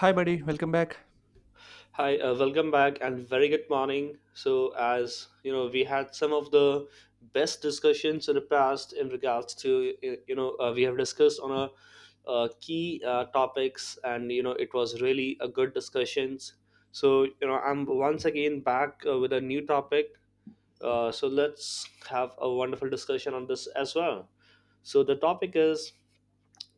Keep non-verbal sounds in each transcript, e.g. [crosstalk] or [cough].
Hi, buddy. Welcome back. Hi, welcome back and very good morning. So, as you know, we had some of the best discussions in the past in regards to, we have discussed on a key topics and, you know, it was really a good discussions. So, you know, I'm once again back with a new topic. So let's have a wonderful discussion on this as well. So the topic is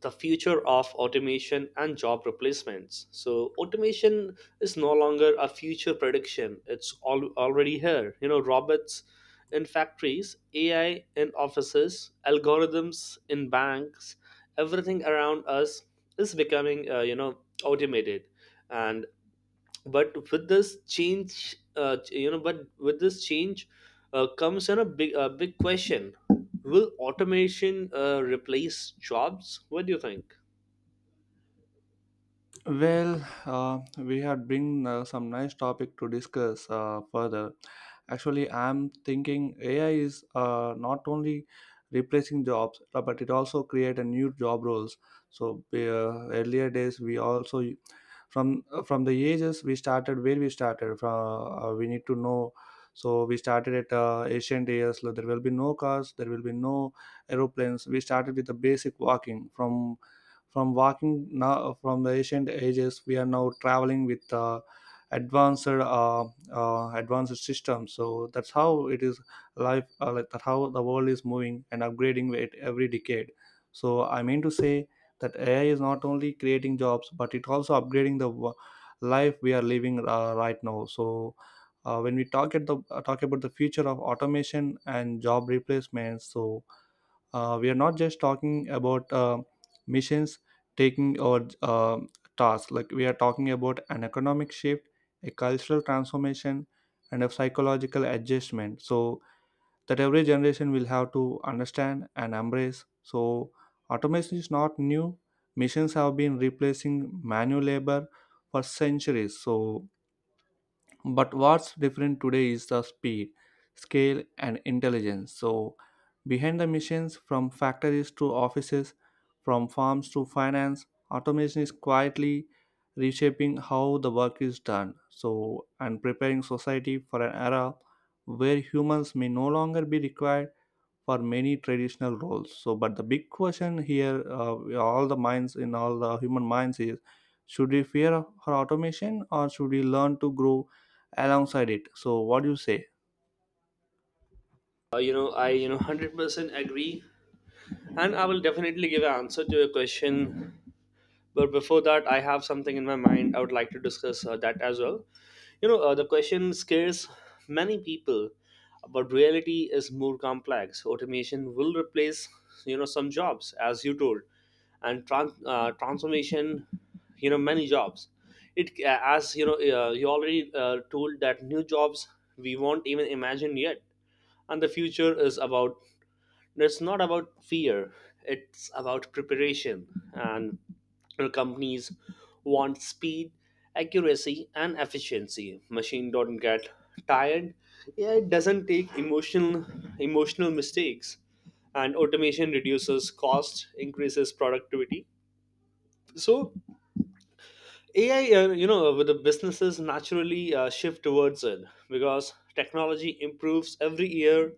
the future of automation and job replacements. So automation is no longer a future prediction; it's all already here. You know, robots in factories, AI in offices, algorithms in banks, everything around us is becoming automated. And but with this change, comes in a big question: will automation replace jobs? What do you think? Well, we had bring some nice topic to discuss further. Actually, I'm thinking AI is not only replacing jobs, but it also create a new job roles. So earlier days, we also from the ages we started where we started from we need to know, so we started at ancient years. Like there will be no cars, there will be no aeroplanes. We started with the basic walking from walking. Now from the ancient ages we are now traveling with advanced advanced systems. So that's how it is life, like that how the world is moving and upgrading it every decade. So I mean to say that AI is not only creating jobs but it also upgrading the life we are living, right now. So when we talk at the, talk about the future of automation and job replacements, so we are not just talking about missions taking or tasks. Like we are talking about an economic shift, a cultural transformation, and a psychological adjustment. So that every generation will have to understand and embrace. So automation is not new. Machines have been replacing manual labor for centuries. So, but what's different today is the speed, scale, and intelligence. So behind the machines, from factories to offices, from farms to finance, automation is quietly reshaping how the work is done. So, and preparing society for an era where humans may no longer be required for many traditional roles. So, but the big question here, all the minds in all the human minds is, should we fear for automation or should we learn to grow alongside it? So what do you say? You know, 100% agree, and I will definitely give an answer to your question. But before that, I have something in my mind. I would like to discuss that as well. You know, the question scares many people, but reality is more complex. Automation will replace, you know, some jobs, as you told, and transformation, you know, many jobs. It, as you know, you already told that new jobs we won't even imagine yet, and the future is about, no, it's not about fear, it's about preparation. And, you know, companies want speed, accuracy and efficiency. Machine don't get tired. Yeah, it doesn't take emotional mistakes, and automation reduces cost, increases productivity. So AI, you know, with the businesses naturally shift towards it because technology improves every year.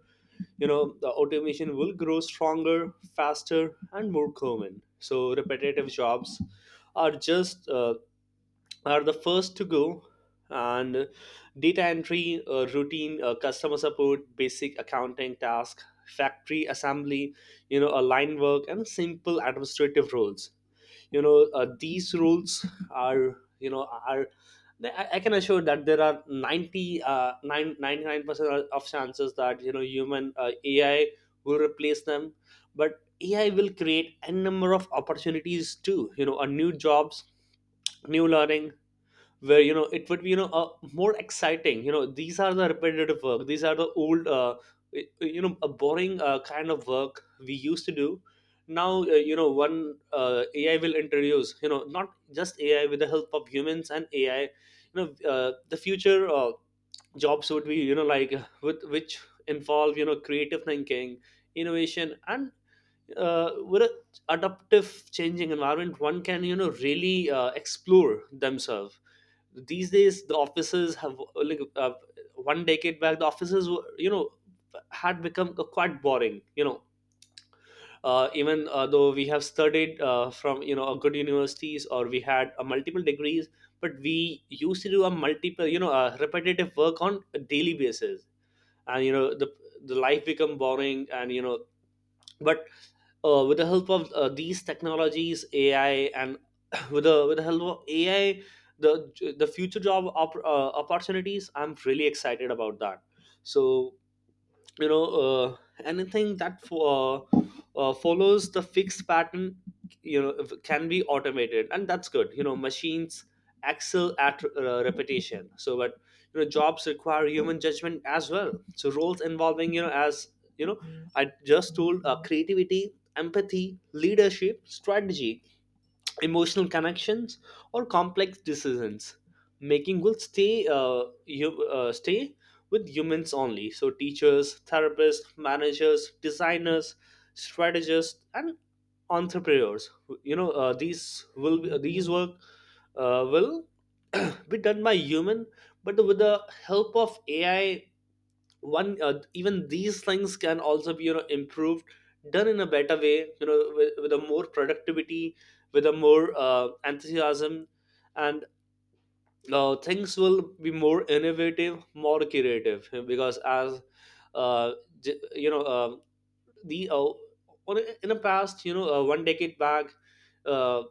You know the automation will grow stronger, faster and more common. So repetitive jobs are just are the first to go. And data entry, routine, customer support, basic accounting task, factory assembly, you know, a line work and simple administrative roles, you know, these rules are, you know, I can assure that there are 90, 99% of chances that, you know, human AI will replace them. But AI will create a number of opportunities too, you know, a new jobs, new learning, where, you know, it would be, you know, more exciting. You know, these are the repetitive work, these are the old, you know, a boring kind of work we used to do. Now, you know one AI will introduce, you know, not just AI, with the help of humans and AI, you know, the future jobs would be, you know, like, with which involve, you know, creative thinking, innovation and, with a adaptive changing environment, one can, you know, really explore themselves. These days the offices have like, one decade back, the offices were, you know, had become quite boring. You know, even though we have studied from, you know, a good universities, or we had multiple degrees, but we used to do a multiple, you know, a repetitive work on a daily basis. And, you know, the life become boring and, you know, but with the help of these technologies, AI and [coughs] [clears throat] with the help of AI, the future opportunities, I'm really excited about that. So, you know, anything that follows the fixed pattern, you know, can be automated. And that's good. You know, machines excel at repetition. So but, you know, jobs require human judgment as well. So roles involving, you know, as you know, I just told, creativity, empathy, leadership, strategy, emotional connections or complex decisions making will stay with humans only. So teachers, therapists, managers, designers, strategists and entrepreneurs, you know, these will be, these work will [clears throat] be done by human. But with the help of AI, one, even these things can also be, you know, improved, done in a better way, you know, with a more productivity, with a more enthusiasm, and things will be more innovative, more creative. Because as, uh, you know, the on in the past, you know, one decade back, uh,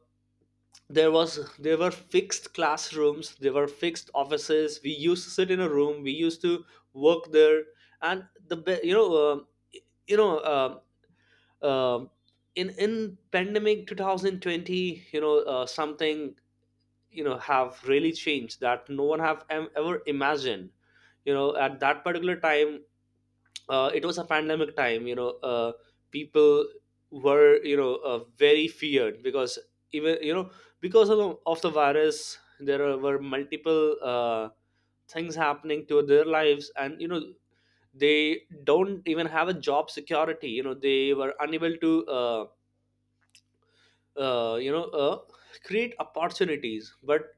there were fixed classrooms, there were fixed offices, we used to sit in a room, we used to work there. And the be- you know um in pandemic 2020, you know, something, you know, have really changed that no one have ever imagined. You know, at that particular time, it was a pandemic time. You know, people were, you know, very feared because, even, you know, because of the virus, there were multiple things happening to their lives. And, you know, they don't even have a job security. You know, they were unable to, uh, you know uh, create opportunities. But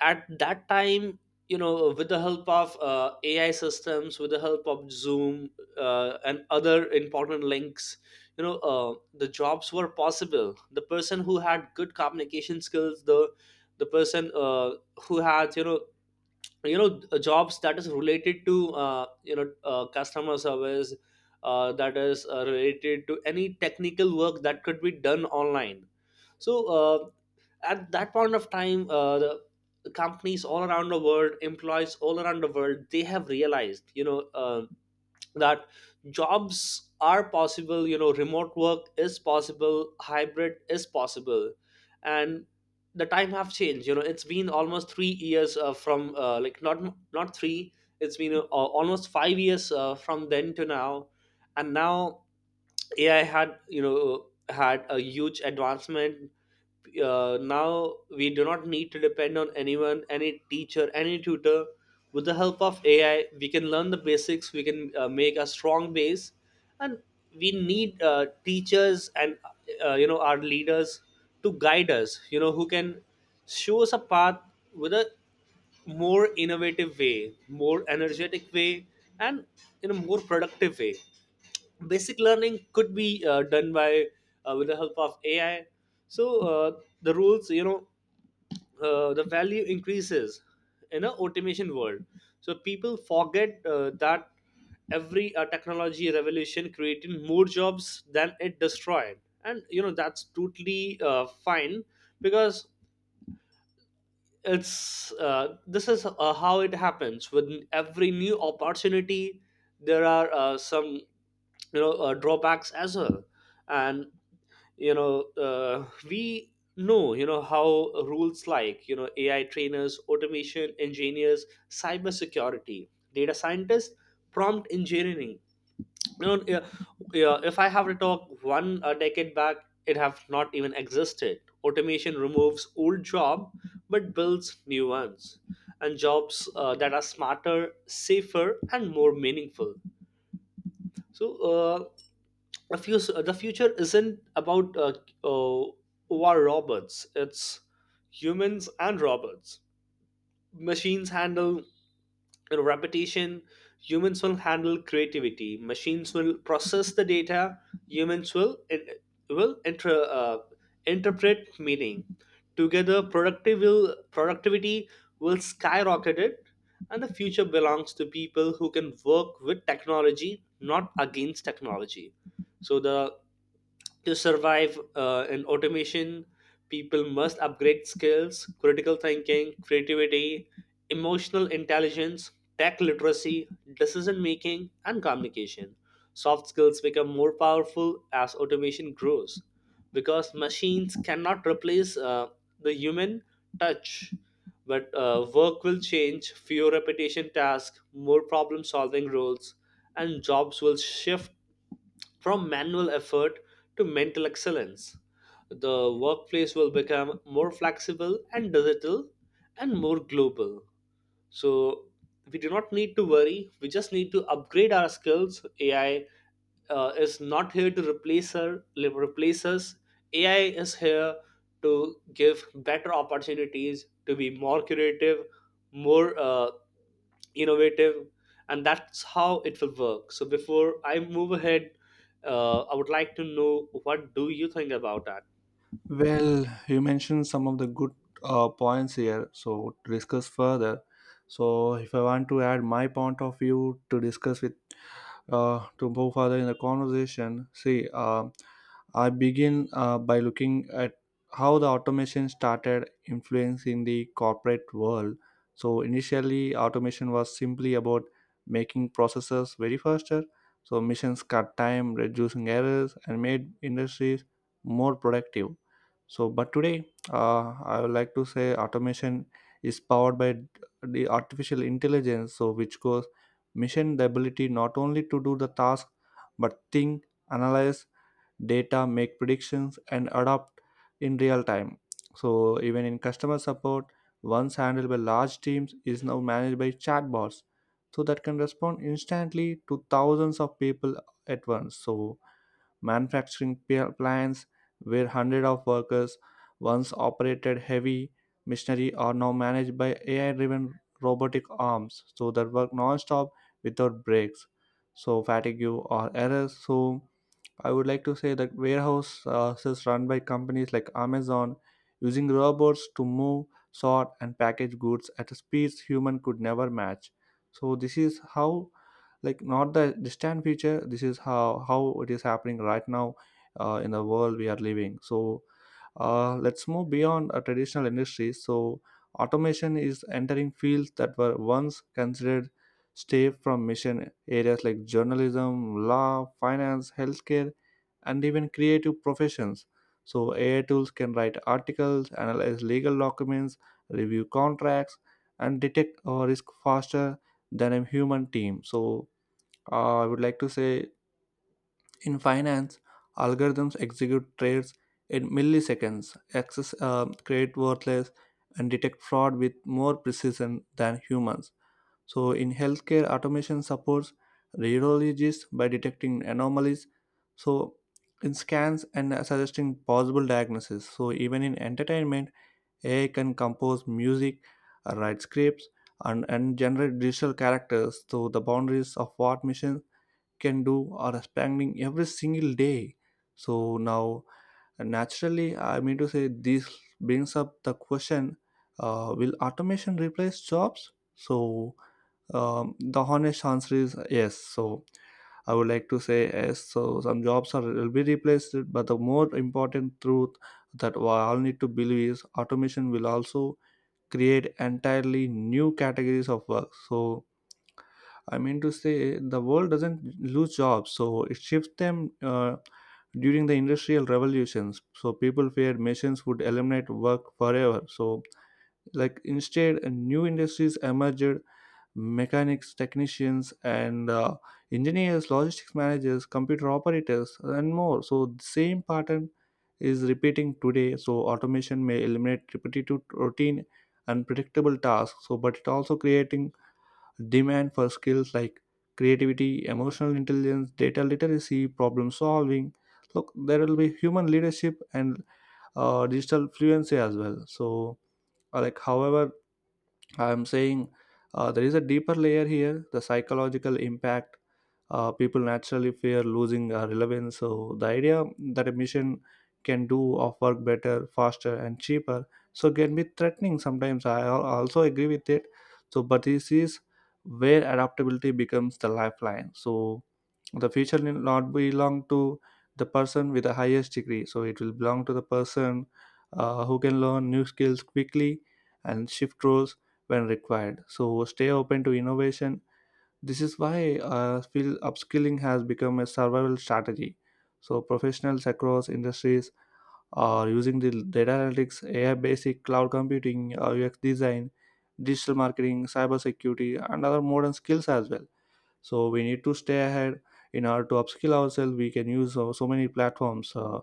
at that time, you know, with the help of AI systems, with the help of Zoom and other important links, you know, the jobs were possible. The person who had good communication skills, the person, who had, you know, jobs that is related to, you know, customer service, that is related to any technical work that could be done online. So, at that point of time, the companies all around the world, employees all around the world, they have realized, you know, that jobs are possible. You know, remote work is possible, hybrid is possible. And the time have changed. You know, it's been almost 3 years from, not not 3, it's been almost 5 years from then to now. And now AI had, you know, had a huge advancement. Now we do not need to depend on anyone, any teacher, any tutor. With the help of AI, we can learn the basics, we can make a strong base. And we need teachers and, you know, our leaders to guide us, you know, who can show us a path with a more innovative way, more energetic way, and in a more productive way. Basic learning could be done by, with the help of AI. So, the rules, you know, the value increases in an automation world. So people forget that every technology revolution created more jobs than it destroyed. And, you know, that's totally fine, because it's, this is how it happens. With every new opportunity, there are some, you know, drawbacks as well. And, you know, we know, you know, how rules like, you know, AI trainers, automation engineers, cybersecurity, data scientists, prompt engineering, you know, yeah, yeah, if I have to talk one a decade back, it have not even existed. Automation removes old job but builds new ones, and jobs that are smarter, safer, and more meaningful. So, the future isn't about uh, war robots. It's humans and robots. Machines handle repetition, humans will handle creativity. Machines will process the data, humans will interpret meaning. Together productive will productivity will skyrocket it, and the future belongs to people who can work with technology, not against technology. So, the to survive in automation, people must upgrade skills, critical thinking, creativity, emotional intelligence, tech literacy, decision making, and communication. Soft skills become more powerful as automation grows, because machines cannot replace the human touch. But, work will change, fewer repetition tasks, more problem solving roles, and jobs will shift from manual effort to mental excellence. The workplace will become more flexible and digital and more global. So, we do not need to worry, we just need to upgrade our skills. AI, is not here to replace us. AI is here to give better opportunities, to be more creative, more innovative, and that's how it will work. So before I move ahead, I would like to know what do you think about that. Well, you mentioned some of the good points here, so to discuss further. So, if I want to add my point of view to discuss with, to move further in the conversation, see, I begin by looking at how the automation started influencing the corporate world. So, initially, automation was simply about making processes very faster. So, missions cut time, reducing errors, and made industries more productive. So, but today, I would like to say automation is powered by the artificial intelligence, so which goes mission the ability not only to do the task but think, analyze data, make predictions, and adapt in real time. So, even in customer support, once handled by large teams, is now managed by chatbots, so that can respond instantly to thousands of people at once. So, manufacturing plants where hundreds of workers once operated heavy machinery are now managed by AI driven robotic arms. So that work non stop without breaks. So fatigue or errors. So I would like to say that warehouses run by companies like Amazon using robots to move, sort, and package goods at a speeds human could never match. So this is how, like not the distant future, this is how it is happening right now in the world we are living. So let's move beyond traditional industries. So automation is entering fields that were once considered safe from mission areas like journalism, law, finance, healthcare, and even creative professions. So AI tools can write articles, analyze legal documents, review contracts, and detect risk faster than a human team. So I would like to say, in finance, algorithms execute trades in milliseconds, access, create worthless, and detect fraud with more precision than humans. So, in healthcare, automation supports radiologists by detecting anomalies. So, in scans and suggesting possible diagnosis. So, even in entertainment, AI can compose music, write scripts, and generate digital characters. So, the boundaries of what machines can do or expanding every single day. So now naturally I mean to say this brings up the question, will automation replace jobs? So the honest answer is yes. So I would like to say yes. So some jobs are will be replaced, but the more important truth that we all need to believe is automation will also create entirely new categories of work. So I mean to say, the world doesn't lose jobs, so it shifts them, during the industrial revolutions. So people feared machines would eliminate work forever. So, like instead, new industries emerged: mechanics, technicians, and engineers, logistics managers, computer operators, and more. So the same pattern is repeating today. So automation may eliminate repetitive, routine, and predictable tasks. So, but it also creating demand for skills like creativity, emotional intelligence, data literacy, problem solving. Look, there will be human leadership and digital fluency as well. So, like however I'm saying, there is a deeper layer here, the psychological impact. People naturally fear losing relevance. So, the idea that a mission can do of work better, faster, and cheaper so can be threatening sometimes. I also agree with it. So, but this is where adaptability becomes the lifeline. So, the future will not belong to the person with the highest degree. So, it will belong to the person who can learn new skills quickly and shift roles when required. So stay open to innovation. This is why I feel upskilling has become a survival strategy. So professionals across industries are using the data analytics, AI basic, cloud computing, UX design, digital marketing, cybersecurity, and other modern skills as well. So we need to stay ahead. In order to upskill ourselves we can use so many platforms,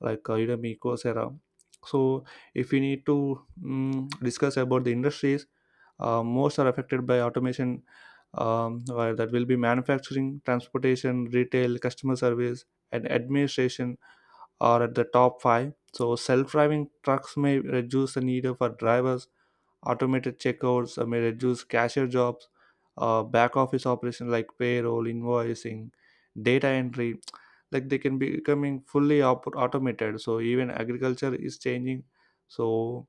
like Udemy, Coursera. So if we need to discuss about the industries most are affected by automation, where that will be manufacturing, transportation, retail, customer service, and administration are at the top five. So self-driving trucks may reduce the need for drivers. Automated checkouts may reduce cashier jobs. Uh, back office operations like payroll, invoicing, data entry [tsk] like they can be becoming fully automated. So even agriculture is changing. So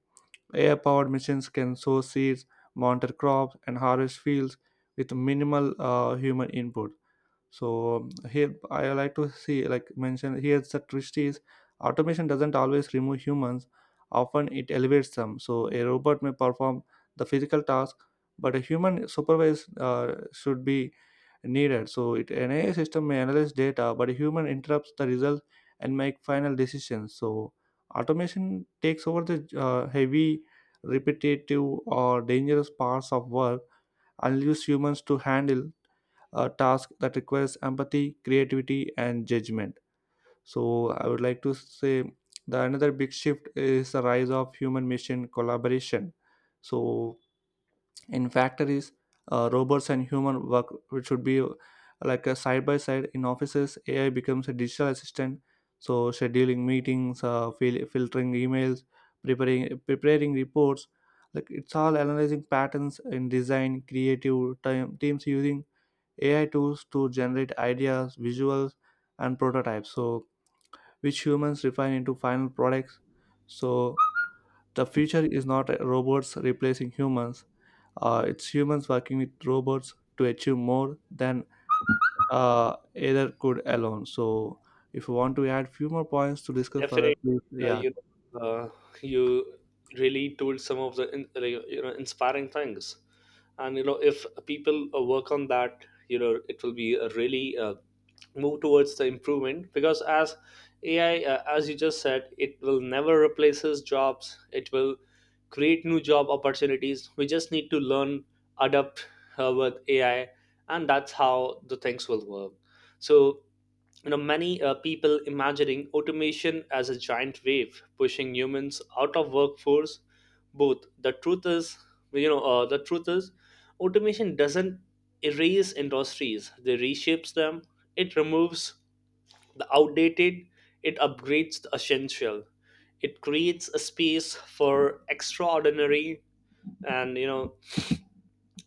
AI powered machines can sow seeds, monitor crops, and harvest fields with minimal human input. So here I like to see, like mention here, the twist is automation doesn't always remove humans. Often it elevates them. So a robot may perform the physical task, but a human supervise should be needed. So it an AI system may analyze data, but a human interrupts the result and make final decisions. So automation takes over the heavy, repetitive, or dangerous parts of work and leaves humans to handle a task that requires empathy, creativity, and judgment. So I would like to say the another big shift is the rise of human machine collaboration. So in factories, robots and human work which should be, like a side by side in offices. AI becomes a digital assistant. So scheduling meetings, filtering emails, preparing reports. Like it's all analyzing patterns in design, creative time teams using AI tools to generate ideas, visuals, and prototypes. So which humans refine into final products. So the future is not robots replacing humans. It's humans working with robots to achieve more than either could alone. So if you want to add few more points to discuss further, Definitely, please. uh, Yeah. you uh, you really told some of the you know, inspiring things, and you know if people work on that, you know it will be a really move towards the improvement. Because as AI, as you just said, it will never replaces jobs. It will create new job opportunities. We just need to learn, adapt with AI, and that's how the things will work. So, many people imagining automation as a giant wave pushing humans out of workforce. Both the truth is, the truth is automation doesn't erase industries, they reshapes them. It removes the outdated, it upgrades the essential, it creates a space for extraordinary. And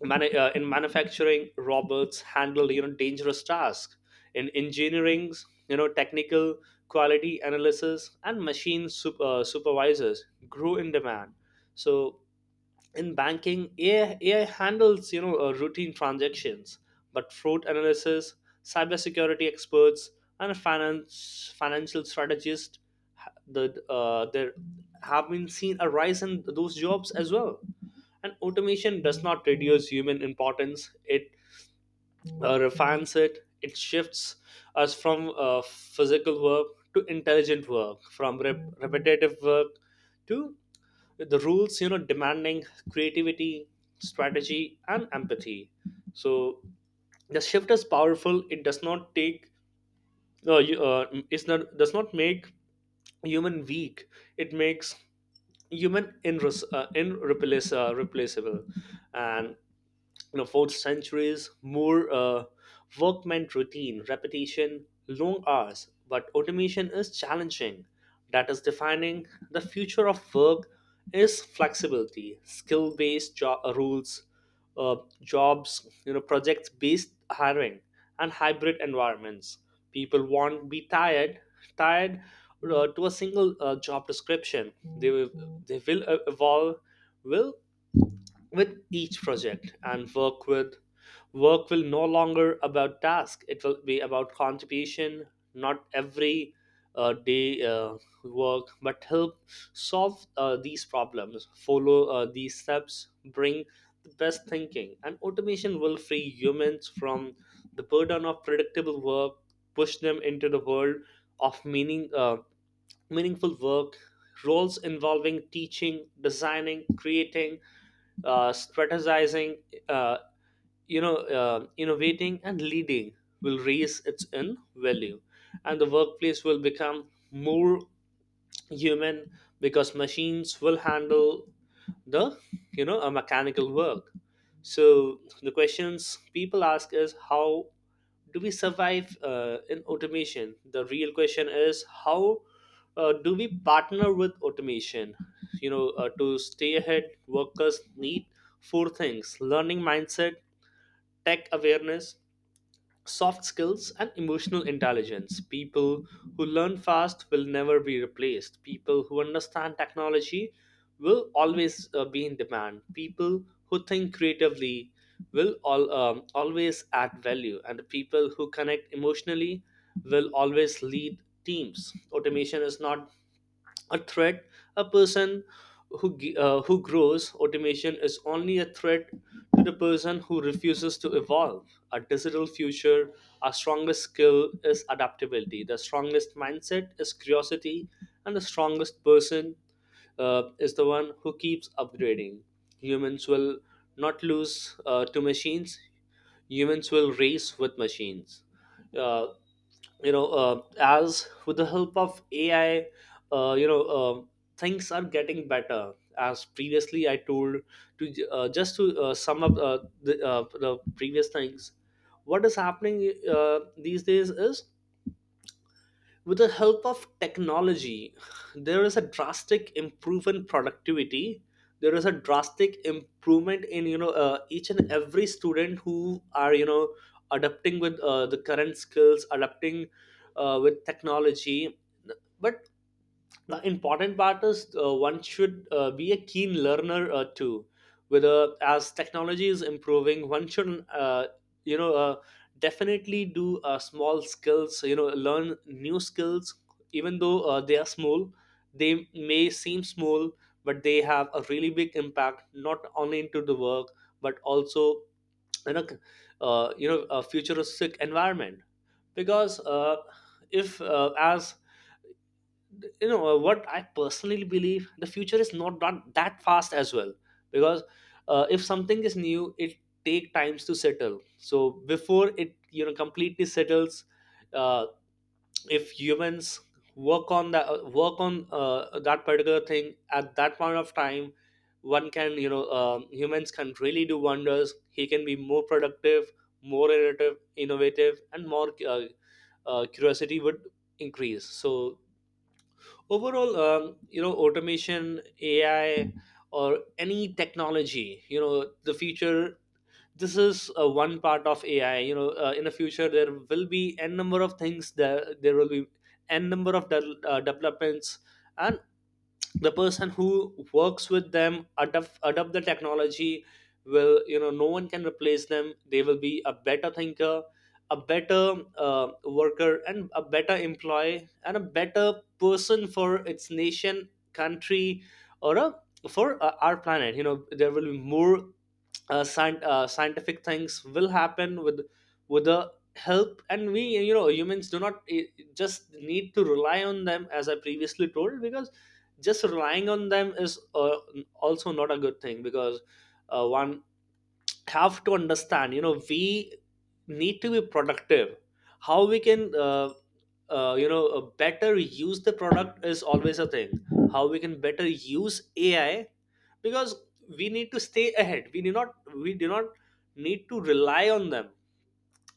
In manufacturing robots handled dangerous tasks. In engineering, technical quality analysis and machine supervisors grew in demand. So in banking AI handles routine transactions, but fraud analysis, cybersecurity experts, and finance financial strategists there have been seen a rise in those jobs as well. And automation does not reduce human importance, it refines it. It shifts us from physical work to intelligent work, from repetitive work to with the rules demanding creativity, strategy, and empathy. So the shift is powerful. It does not make human weak, it makes human in replaceable. And, you know, fourth centuries, more workman routine, repetition, long hours. But automation is challenging. That is defining the future of work is flexibility, skill-based job rules, uh, jobs, project-based hiring, and hybrid environments. People won't be tired to a single job description. They will, they will evolve, will with each project and work will no longer about task, it will be about contribution. Not every day work but help solve these problems, follow these steps, bring the best thinking. And automation will free humans from the burden of predictable work, push them into the world of meaningful work, roles involving teaching, designing, creating, strategizing, uh, innovating, and leading will raise its in value, and the workplace will become more human, because machines will handle the you know a mechanical work. So the questions people ask is how do we survive in automation? The real question is how do we partner with automation? To stay ahead workers need four things: learning mindset, tech awareness, soft skills, and emotional intelligence. People who learn fast will never be replaced. People who understand technology will always be in demand. People who think creatively will always add value. And the people who connect emotionally will always lead teams. Automation is not a threat. A person who g- who grows Automation is only a threat to the person who refuses to evolve a digital future. Our strongest skill is adaptability, the strongest mindset is curiosity, and the strongest person is the one who keeps upgrading. Humans will not lose to machines. Humans will race with machines. Uh, as with the help of AI, uh, you know, uh, things are getting better. As previously I told, just to sum up the previous things, what is happening these days is with the help of technology there is a drastic improvement in productivity. There is a drastic improvement in each and every student who are adapting with the current skills, adapting with technology. But the important part is one should be a keen learner too. Whether as technology is improving one should you know uh, definitely do small skills, learn new skills. Even though they are small, they may seem small, but they have a really big impact, not only into the work but also in a you know a futuristic environment. Because if as what I personally believe the future is not that fast as well. Because if something is new it take times to settle. So before it completely settles, uh, if humans work on that, work on that particular thing at that point of time, one can you know humans can really do wonders. He can be more productive, more innovative, and more curiosity would increase. So overall, automation AI or any technology, the future, this is one part of AI. In the future there will be n number of things, that there will be n number of developments. And the person who works with them adopt the technology will no one can replace them. They will be a better thinker, a better worker, and a better employee, and a better person for its nation country or a, for our planet. There will be more scientific things will happen with the help. And we humans do not just need to rely on them as I previously told. Because just relying on them is also not a good thing. Because one have to understand we need to be productive. How we can better use the product is always a thing. How we can better use AI. Because we need to stay ahead, we do not need to rely on them.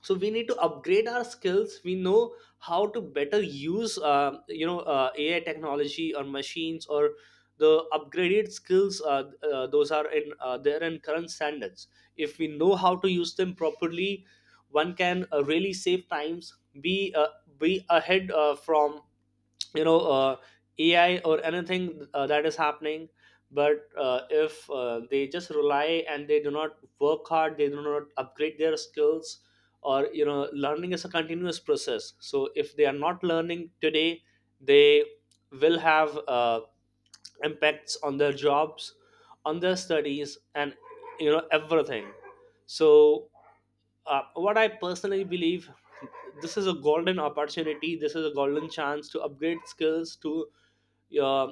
So we need to upgrade our skills, we know how to better use AI technology or machines or the upgraded skills those are in they're in current standards. If we know how to use them properly, one can really save times, be uh, be ahead from you know uh, AI or anything that is happening. But if they just rely and they do not work hard, they do not upgrade their skills, or learning is a continuous process. So if they are not learning today, they will have impacts on their jobs, on their studies, and everything. So, what I personally believe, this is a golden opportunity. This is a golden chance to upgrade skills to uh,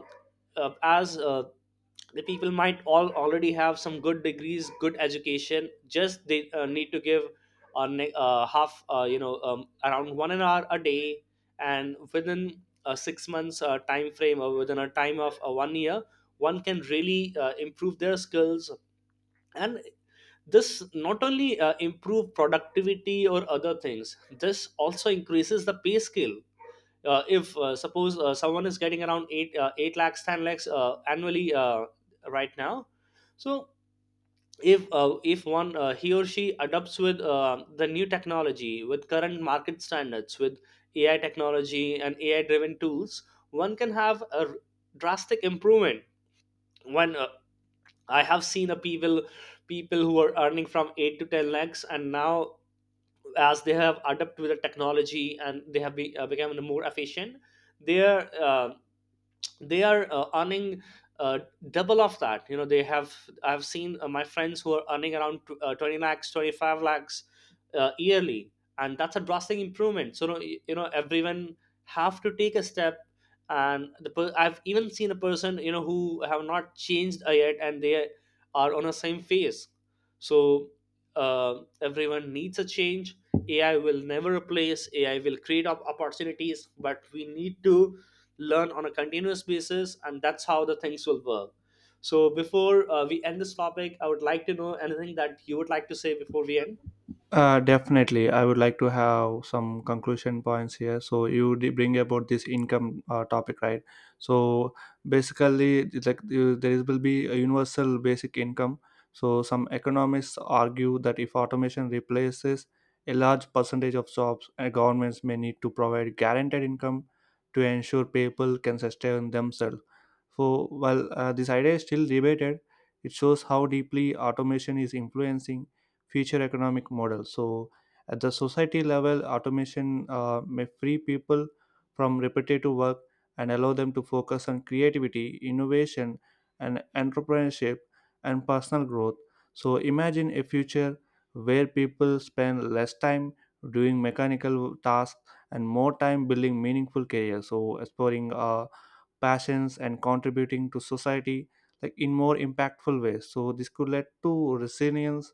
as the people might all already have some good degrees, good education. Just they need to give a ne- half, you know, around one an hour a day, and within a 6 months time frame or within a time of one year, one can really improve their skills. And this not only improve productivity or other things, this also increases the pay scale. If suppose someone is getting around 8 8 lakhs 10 lakhs annually right now. So if one he or she adopts with the new technology with current market standards with AI technology and AI driven tools, one can have a drastic improvement. When I have seen a people people who are earning from 8 to 10 lakhs, and now as they have adapted with the technology and they have become more efficient, their they are earning uh, double of that. You know they have I've seen my friends who are earning around 20 lakhs 25 lakhs yearly, and that's a drastic improvement. So everyone have to take a step. And the I've even seen a person who have not changed yet and they are on the same phase. So everyone needs a change. AI will never replace, AI will create opportunities, but we need to learn on a continuous basis, and that's how the things will work. So before we end this topic, I would like to know anything that you would like to say before we end. Definitely, I would like to have some conclusion points here. So you did bring about this income topic, right? So basically, it's like there will be a universal basic income. So some economists argue that if automation replaces a large percentage of jobs, governments may need to provide guaranteed income to ensure people can sustain themselves. So while this idea is still debated, it shows how deeply automation is influencing future economic model. So, at the society level, automation may free people from repetitive work and allow them to focus on creativity, innovation, and entrepreneurship and personal growth. So, imagine a future where people spend less time doing mechanical tasks and more time building meaningful careers. So, exploring passions and contributing to society like in more impactful ways. So this could lead to resilience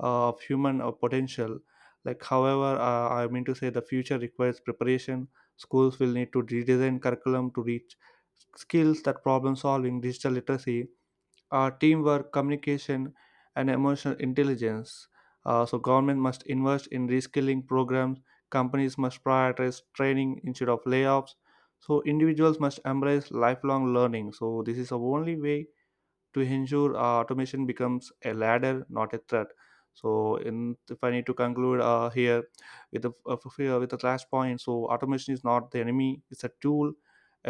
of human potential. Like however, I mean to say the future requires preparation. Schools will need to redesign curriculum to reach skills that problem solving, digital literacy, teamwork, communication, and emotional intelligence. So government must invest in reskilling programs. Companies must prioritize training instead of layoffs. So individuals must embrace lifelong learning. So this is the only way to ensure automation becomes a ladder, not a threat. So, in, if I need to conclude here with the, here with the last point, so automation is not the enemy; it's a tool,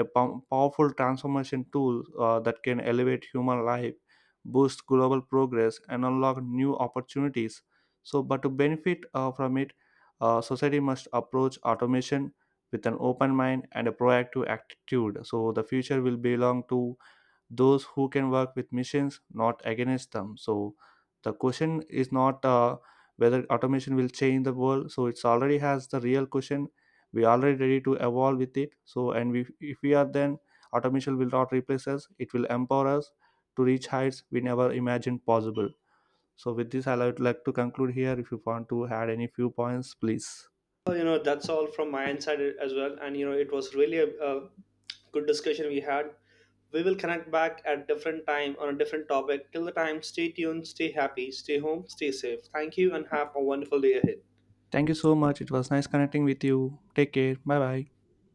a powerful transformation tool that can elevate human life, boost global progress, and unlock new opportunities. So, but to benefit from it, society must approach automation with an open mind and a proactive attitude. So, the future will belong to those who can work with machines, not against them. So the question is not whether automation will change the world. So it's already has the real question. We already ready to evolve with it. So and we, if we are, then automation will not replace us. It will empower us to reach heights we never imagined possible. So with this, I would like to conclude here. If you want to add any few points, please. Well, that's all from my end side as well. And it was really a good discussion we had. We will connect back at different time on a different topic. Till the time, stay tuned, stay happy, stay home, stay safe. Thank you and have a wonderful day ahead. Thank you so much. It was nice connecting with you. Take care. Bye bye.